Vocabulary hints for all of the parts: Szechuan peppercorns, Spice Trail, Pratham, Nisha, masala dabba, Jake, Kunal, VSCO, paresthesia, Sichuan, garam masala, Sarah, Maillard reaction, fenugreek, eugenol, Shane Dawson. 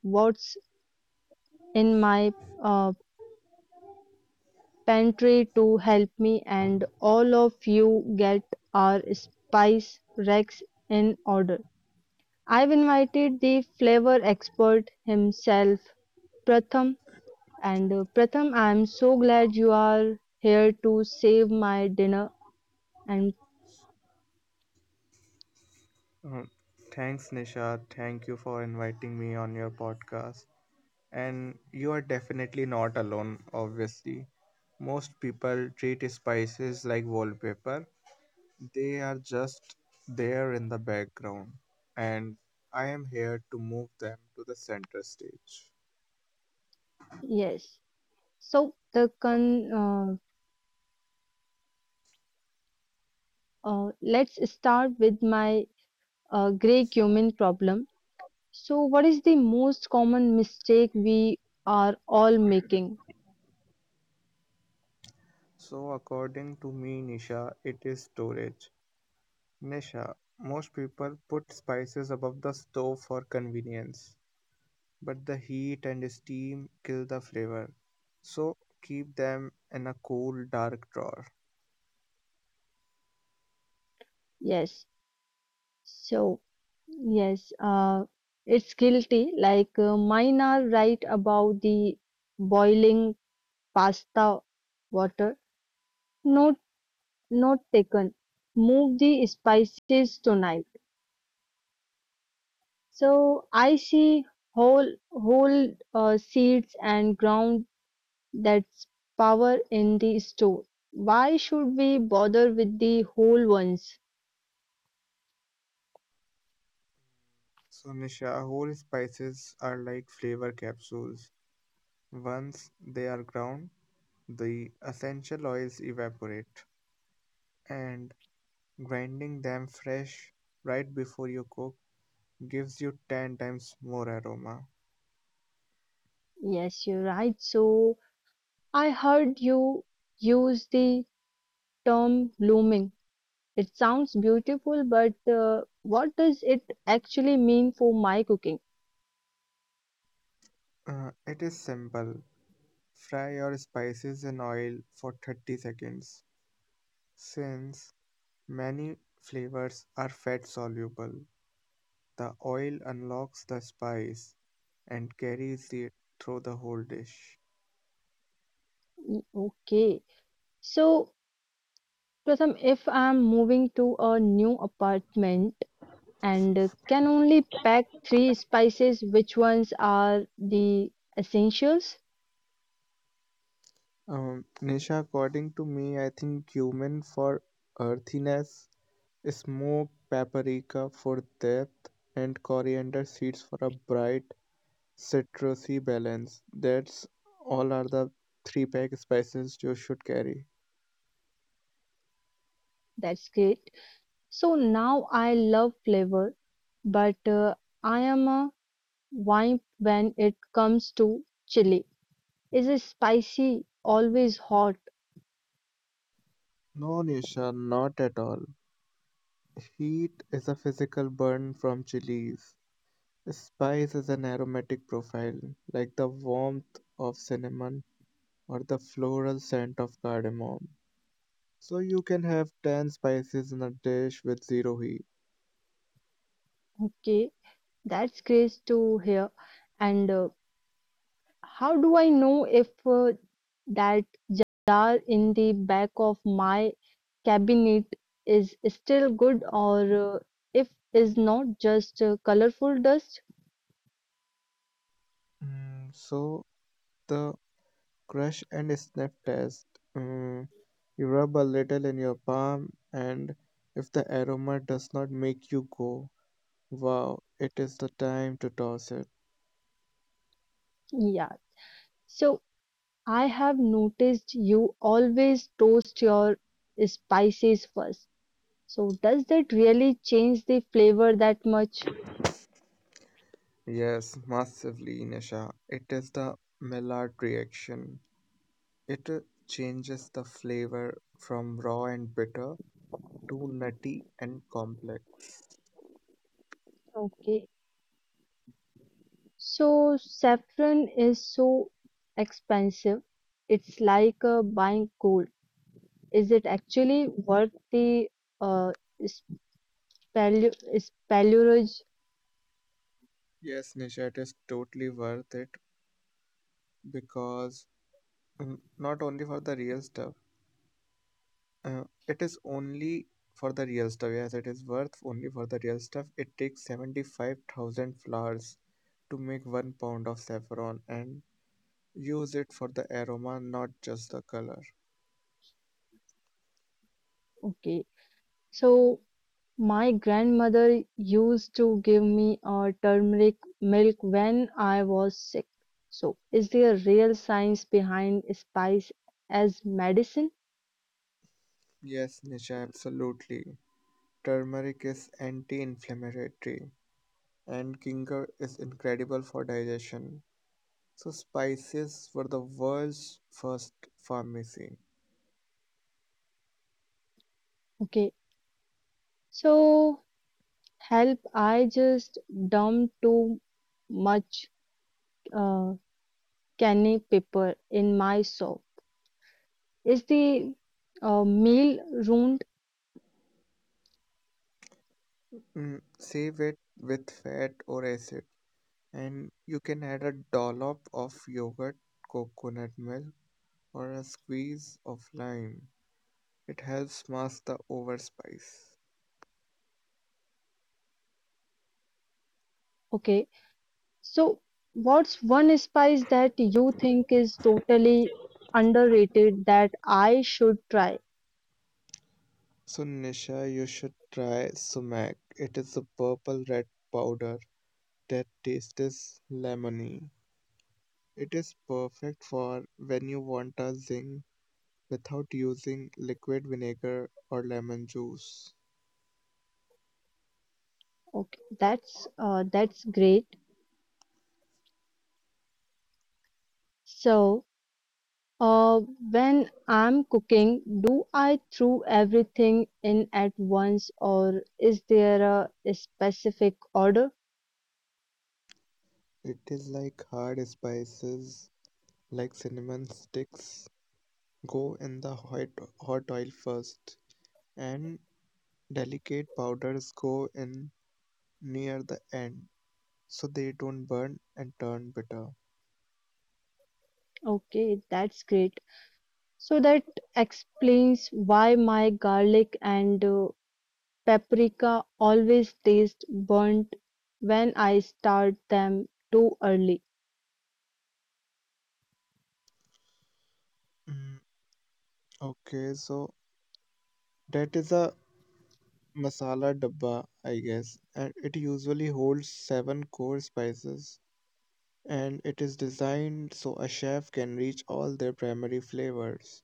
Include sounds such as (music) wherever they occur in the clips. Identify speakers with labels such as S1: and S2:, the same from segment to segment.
S1: what's in my uh, pantry to help me and all of you get our spice racks in order. I've invited the flavor expert himself, Pratham. And Pratham, I'm so glad you are here to save my dinner. And
S2: Uh, Thanks, Nisha. Thank you for inviting me on your podcast. And you are definitely not alone, obviously. Most people treat spices like wallpaper. They are just there in the background, and I am here to move them to the center stage.
S1: yes, so the con. Uh, let's start with my gray cumin problem. So, what is the most common mistake we are all making?
S2: So, according to me, Nisha, it is storage. Nisha, most people put spices above the stove for convenience, but the heat and steam kill the flavor. So keep them in a cool, dark drawer.
S1: Yes, so, yes, it's guilty. Like mine are right about the boiling pasta water. Note, note taken. Move the spices tonight. So I see whole seeds and ground that's power in the store. Why should we bother with the whole ones?
S2: So, Nisha, whole spices are like flavor capsules. Once they are ground, the essential oils evaporate, and grinding them fresh right before you cook gives you 10 times more aroma.
S1: Yes, you're right. So I heard you use the term blooming. It sounds beautiful, but what does it actually mean for my cooking?
S2: It is simple. Fry your spices in oil for 30 seconds, since many flavors are fat soluble. The oil unlocks the spice and carries it through the whole dish.
S1: Mm, okay. So, Pratham, if I'm moving to a new apartment and can only pack three spices, which ones are the essentials?
S2: Nisha, according to me, I think cumin for earthiness, smoke paprika for depth, and coriander seeds for a bright citrusy balance. That's all are the three pack spices you should carry.
S1: That's great. So now I love flavor, but I am a wimp when it comes to chili. Is it spicy? Always hot.
S2: No, Nisha, not at all. Heat is a physical burn from chilies. Spice is an aromatic profile, like the warmth of cinnamon or the floral scent of cardamom. So you can have 10 spices in a dish with zero heat.
S1: Okay. That's great to hear. And how do I know if that jar in the back of my cabinet is still good or if is not just colorful dust?
S2: Mm, so the crush and sniff test. Mm, you rub a little in your palm, and if the aroma does not make you go wow, it is the time to toss it.
S1: Yeah. So I have noticed you always toast your spices first. So does that really change the flavor that much?
S2: Yes, massively, Nisha. It is the Maillard reaction. It changes the flavor from raw and bitter to nutty and complex.
S1: Okay. So saffron is so expensive. It's like buying gold. Is it actually worth the uh, spelurage?
S2: Yes, Nisha, it is totally worth it because not only for the real stuff, it is only for the real stuff. Yes, it is worth only for the real stuff. It takes 75,000 flowers to make 1 pound of saffron, and use it for the aroma, not just the color.
S1: Okay. So my grandmother used to give me turmeric milk when I was sick. So is there real science behind spice as medicine?
S2: Yes, Nisha, absolutely. Turmeric is anti inflammatory and ginger is incredible for digestion. So, spices were the world's first pharmacy.
S1: Okay. So help, I just dumped too much uh, canny pepper in my soup. Is the meal ruined?
S2: Mm, save it with fat or acid, and you can add a dollop of yogurt, coconut milk, or a squeeze of lime. It helps mask the overspice.
S1: Okay. So, what's one spice that you think is totally underrated that I should try?
S2: So, Nisha, you should try sumac. It is a purple red powder that tastes lemony. It is perfect for when you want a zing without using liquid vinegar or lemon juice.
S1: Okay, that's great. So, uh, when I'm cooking, do I throw everything in at once, or is there a specific order?
S2: It is like hard spices like cinnamon sticks go in the hot oil first, and delicate powders go in near the end so they don't burn and turn bitter.
S1: Okay, that's great. So that explains why my garlic and paprika always taste burnt when I start them too early.
S2: Mm, okay, so that is a masala dabba, I guess, and it usually holds seven core spices, and it is designed so a chef can reach all their primary flavors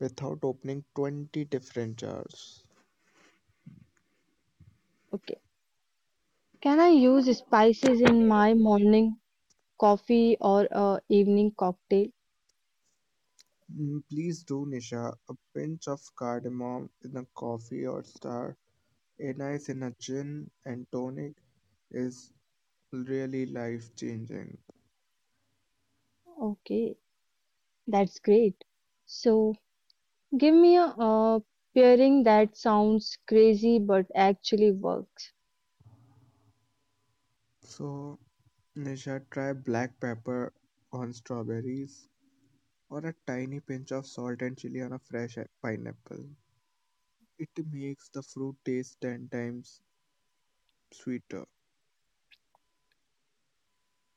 S2: without opening 20 different jars.
S1: Okay. Can I use spices in my morning coffee or evening cocktail?
S2: Mm, please do, Nisha. A pinch of cardamom in a coffee or star, a nice in a gin and tonic is really life changing.
S1: Okay, that's great. So give me a pairing that sounds crazy but actually works.
S2: So, Nisha, try black pepper on strawberries or a tiny pinch of salt and chili on a pineapple. It makes the fruit taste 10 times sweeter.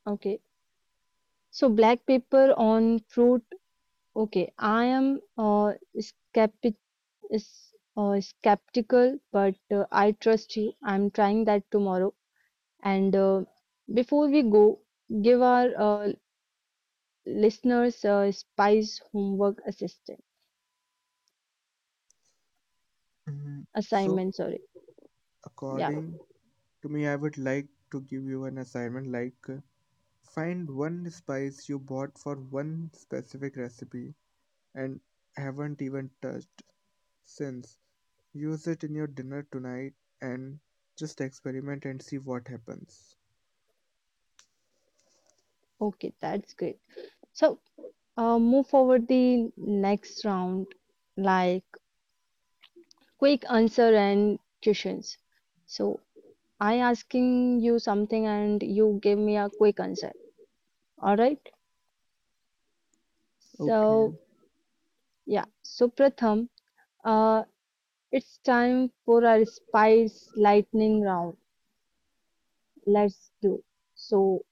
S1: Okay. So black pepper on fruit. Okay, I am skeptical is skeptical, but I trust you. I'm trying that tomorrow. And before we go, give our listeners a spice homework assistant
S2: Mm, so,
S1: assignment. Sorry. Yeah.
S2: according to me, I would like to give you an assignment like find one spice you bought for one specific recipe and haven't even touched since. Use it in your dinner tonight and just experiment and see what happens.
S1: Okay. That's great. So move forward the next round, like quick answer and questions. So I asking you something and you give me a quick answer. All right.
S2: Okay,
S1: So yeah. So Pratham. Uh, It's time for our spice lightning round. Let's do. So,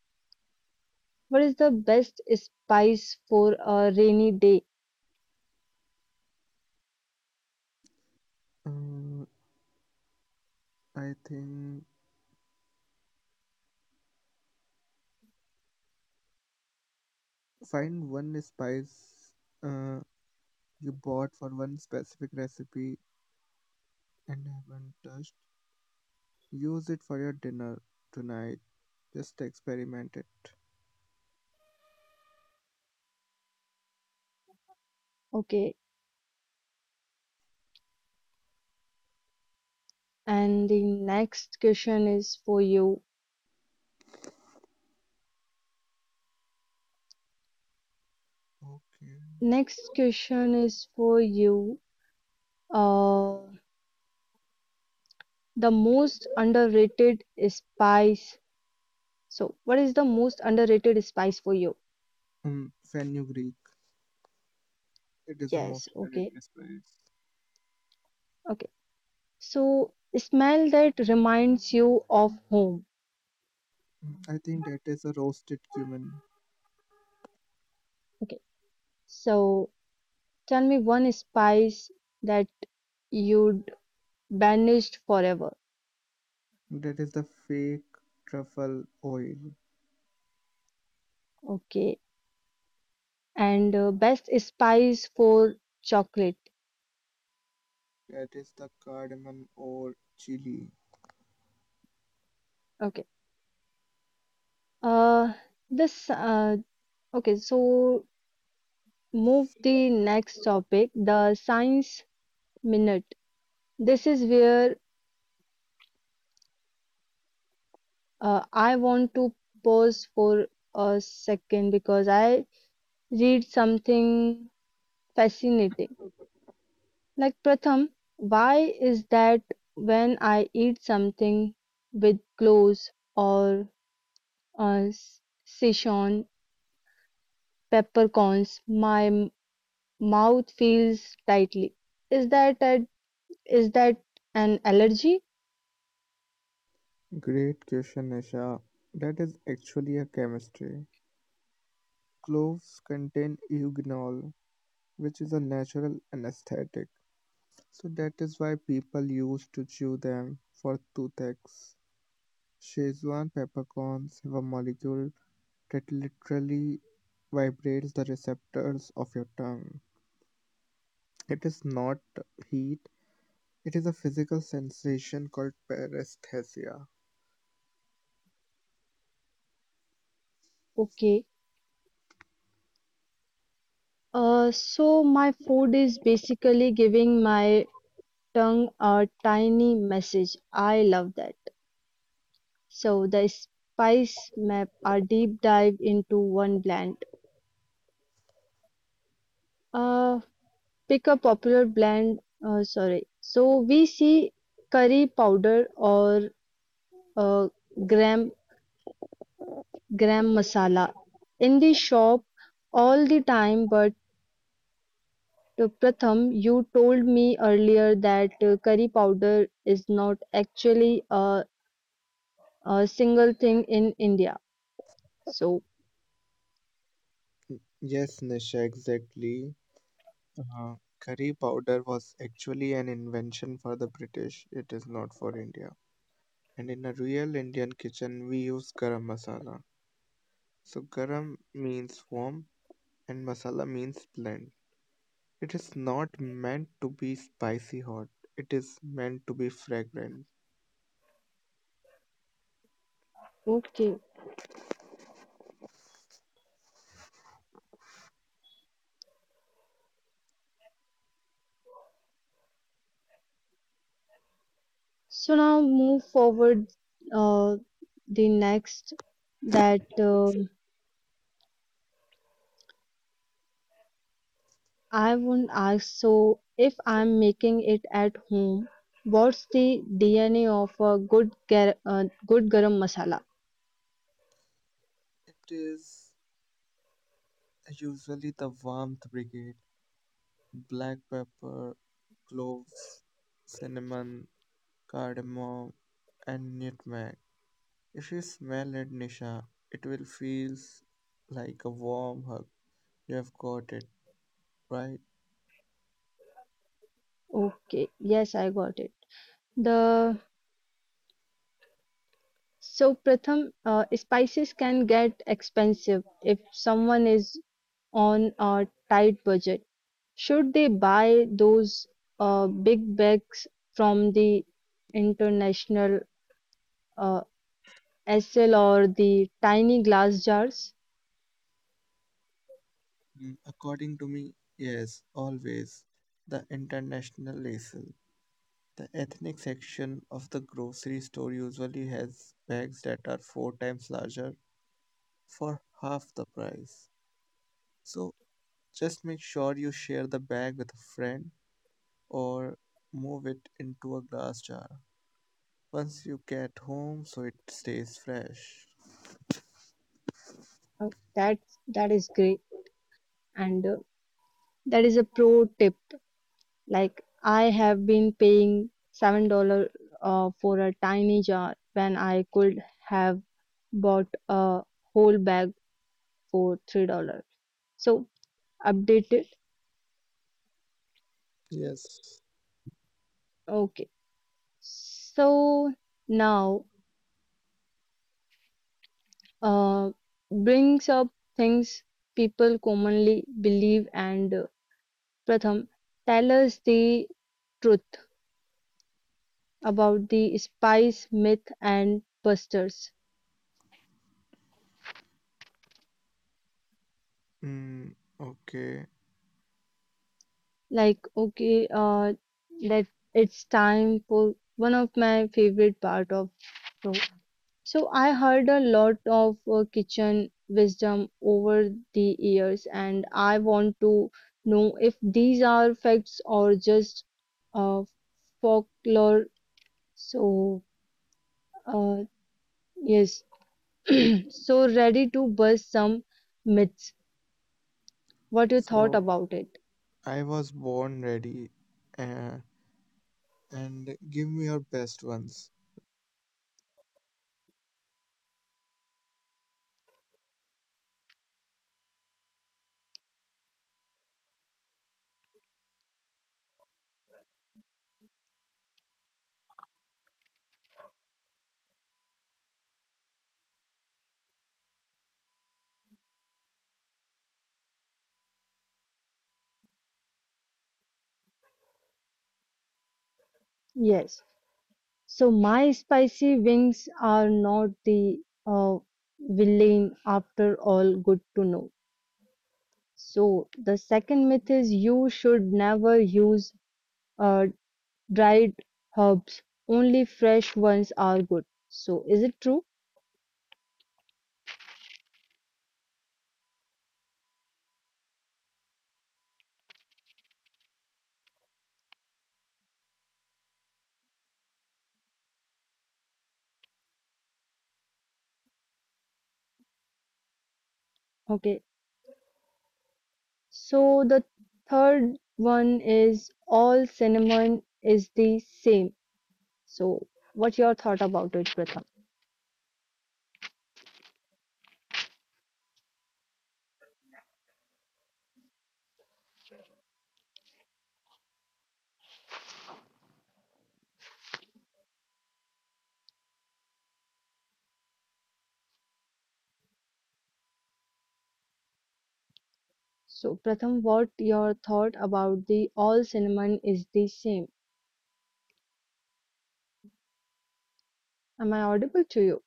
S1: what is the best spice for a rainy day?
S2: um, I think find one spice uh, you bought for one specific recipe and haven't touched. Use it for your dinner tonight. Just experiment it.
S1: Okay, and the next question is for you.
S2: Okay.
S1: Next question is for you. Uh, the most underrated spice. So, what is the most underrated spice for you?
S2: Fenugreek. It is the
S1: Yes,
S2: most
S1: okay,
S2: underrated spice.
S1: okay. So, smell that reminds you of home.
S2: I think that is a roasted cumin.
S1: Okay, so tell me one spice that you'd banished forever.
S2: That is the fake truffle oil.
S1: Okay. And best spice for chocolate.
S2: That is the cardamom or chili.
S1: Okay. Uh, this, uh, okay. So move the next topic, the science minute. This is where I want to pause for a second because I read something fascinating. Like Pratham, why is that when I eat something with cloves or uh, s- Sichuan peppercorns, my mouth feels tightly? Is that a, is that an allergy?
S2: Great question, Nisha. That is actually a chemistry. Cloves contain eugenol, which is a natural anesthetic. So that is why people used to chew them for toothaches. Szechuan peppercorns have a molecule that literally vibrates the receptors of your tongue. It is not heat, it is a physical sensation called paresthesia.
S1: Okay. So my food is basically giving my tongue a tiny message. I love that. So the spice map, a deep dive into one blend. Uh, Pick a popular blend. Sorry. So we see curry powder or uh, gram gram masala in the shop all the time. But Pratham, you told me earlier that curry powder is not actually a single thing in India. So
S2: Yes, Nisha, exactly. Uh, curry powder was actually an invention for the British, it is not for India. And in a real Indian kitchen, we use garam masala. So, garam means warm and masala means blend. It is not meant to be spicy hot, it is meant to be fragrant.
S1: okay. So now move forward. Uh, the next that I won't ask. So, if I'm making it at home, what's the DNA of a good garam masala?
S2: It is usually the warmth brigade black pepper, cloves, cinnamon, cardamom, and nutmeg. If you smell it, Nisha, it will feel like a warm hug. You have got it, right?
S1: Okay, yes, I got it. The so Pratham, spices can get expensive if someone is on a tight budget. Should they buy those big bags from the international uh, SL or the tiny glass jars?
S2: Mm, according to me, yes, always. The international lace. The ethnic section of the grocery store usually has bags that are four times larger for half the price. So just make sure you share the bag with a friend or move it into a glass jar once you get home so it stays fresh.
S1: Uh, that that is great. And that is a pro tip. Like, I have been paying $7 for a tiny jar when I could have bought a whole bag for $3. So update it.
S2: Yes.
S1: Okay, so now uh, brings up things people commonly believe, and Pratham, tell us the truth about the spice myth and busters.
S2: Mm, okay.
S1: Like, okay, that it's time for one of my favorite part of show. So I heard a lot of kitchen wisdom over the years, and I want to know if these are facts or just uh, folklore. So, uh, yes, (clears throat) so ready to bust some myths. What you thought
S2: So
S1: about it?
S2: I was born ready. Uh, and give me your best ones.
S1: Yes. So my spicy wings are not the uh, villain after all. Good to know. So the second myth is you should never use uh, dried herbs. Only fresh ones are good. So is it true? Okay. So the third one is all cinnamon is the same. So what your thought about it, Pratham? So Pratham, what your thought about the all cinnamon is the same? Am I audible to you?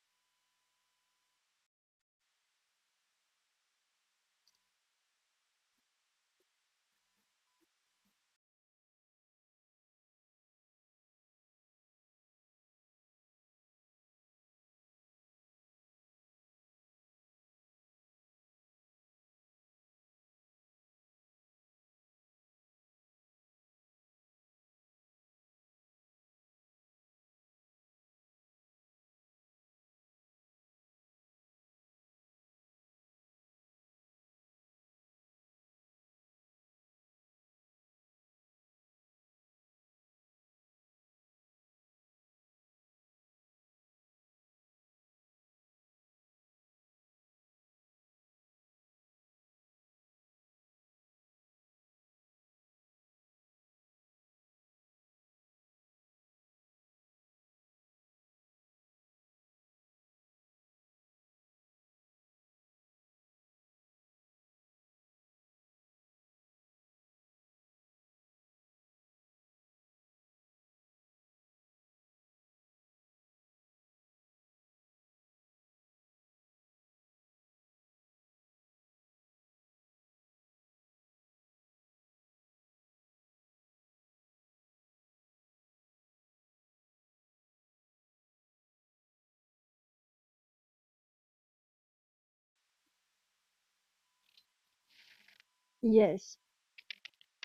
S1: Yes.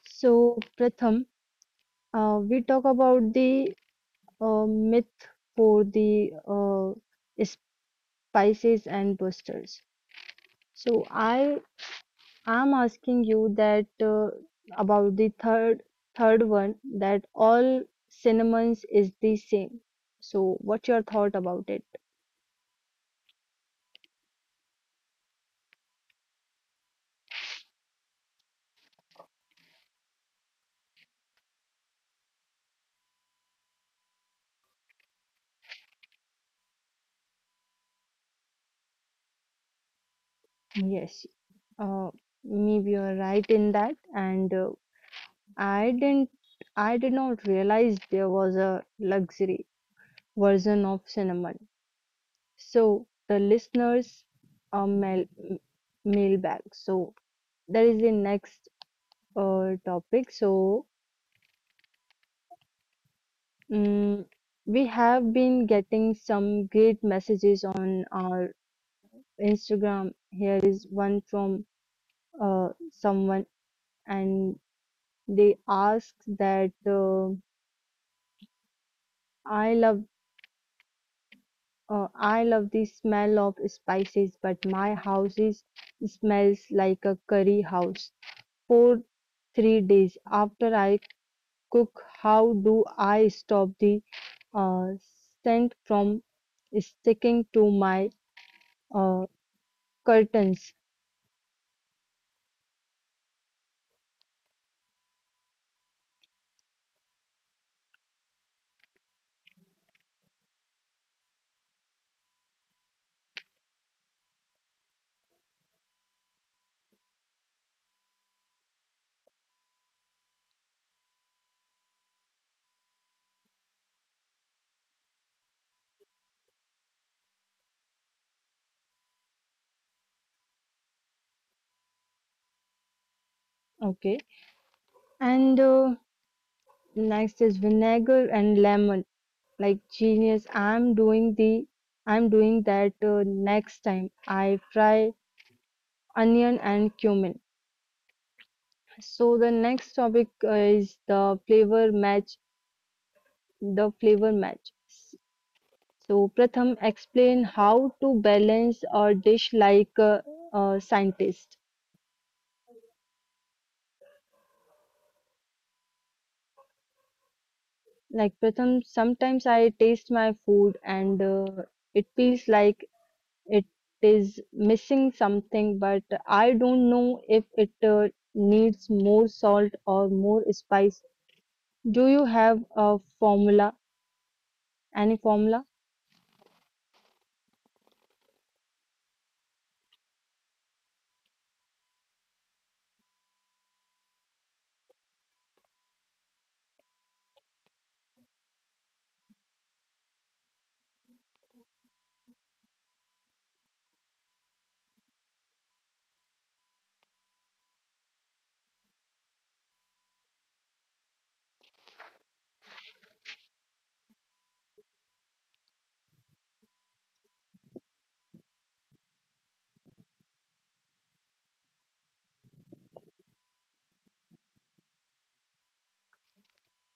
S1: So, Pratham, we talk about the myth for the spices and busters. So, I am asking you that about the third one that all cinnamons is the same. So, what's your thought about it? Yes, uh, maybe you're right in that, and I didn't, I did not realize there was a luxury version of cinnamon. So the listeners uh, mail mailbag. So that is the next topic. So mm we have been getting some great messages on our Instagram. Here is one from someone, and they ask that I love. I love the smell of spices, but my house is smells like a curry house for 3 days. After I cook, how do I stop the uh, scent from sticking to my uh, curtains? Okay. And next is vinegar and lemon. Like genius, I'm doing that next time. I fry onion and cumin. So the next topic is the flavor match. The flavor match. So, Pratham, explain how to balance a dish like a scientist. Like Pratham, sometimes I taste my food and it feels like it is missing something, but I don't know if it needs more salt or more spice. Do you have a formula? Any formula?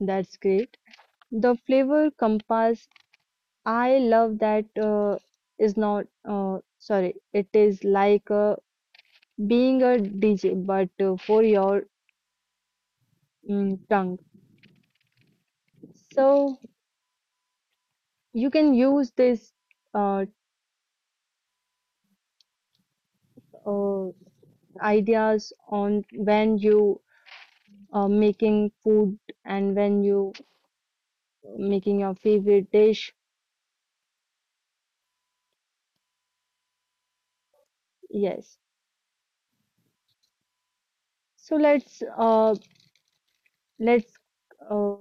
S1: That's great. The flavor compass, I love that is not sorry, it is like a being a DJ, but for your tongue. So you can use this uh, uh, ideas on when you are making food and when you making your favorite dish. Yes. So let's uh,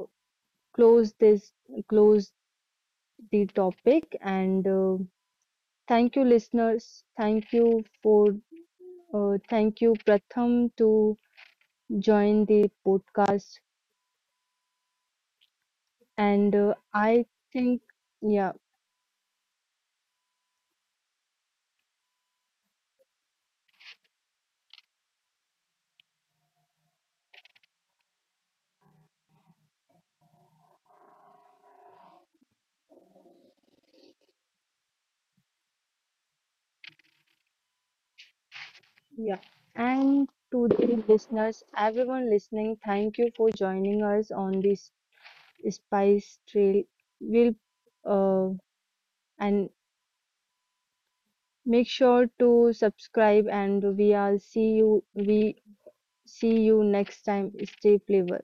S1: close this close the topic, and thank you listeners. Thank you Pratham to join the podcast. And I think, yeah, yeah. And to the listeners, everyone listening, thank you for joining us on this Spice Trail. We'll uh, and make sure to subscribe, and we are see you. We see you next time. Stay flavorful.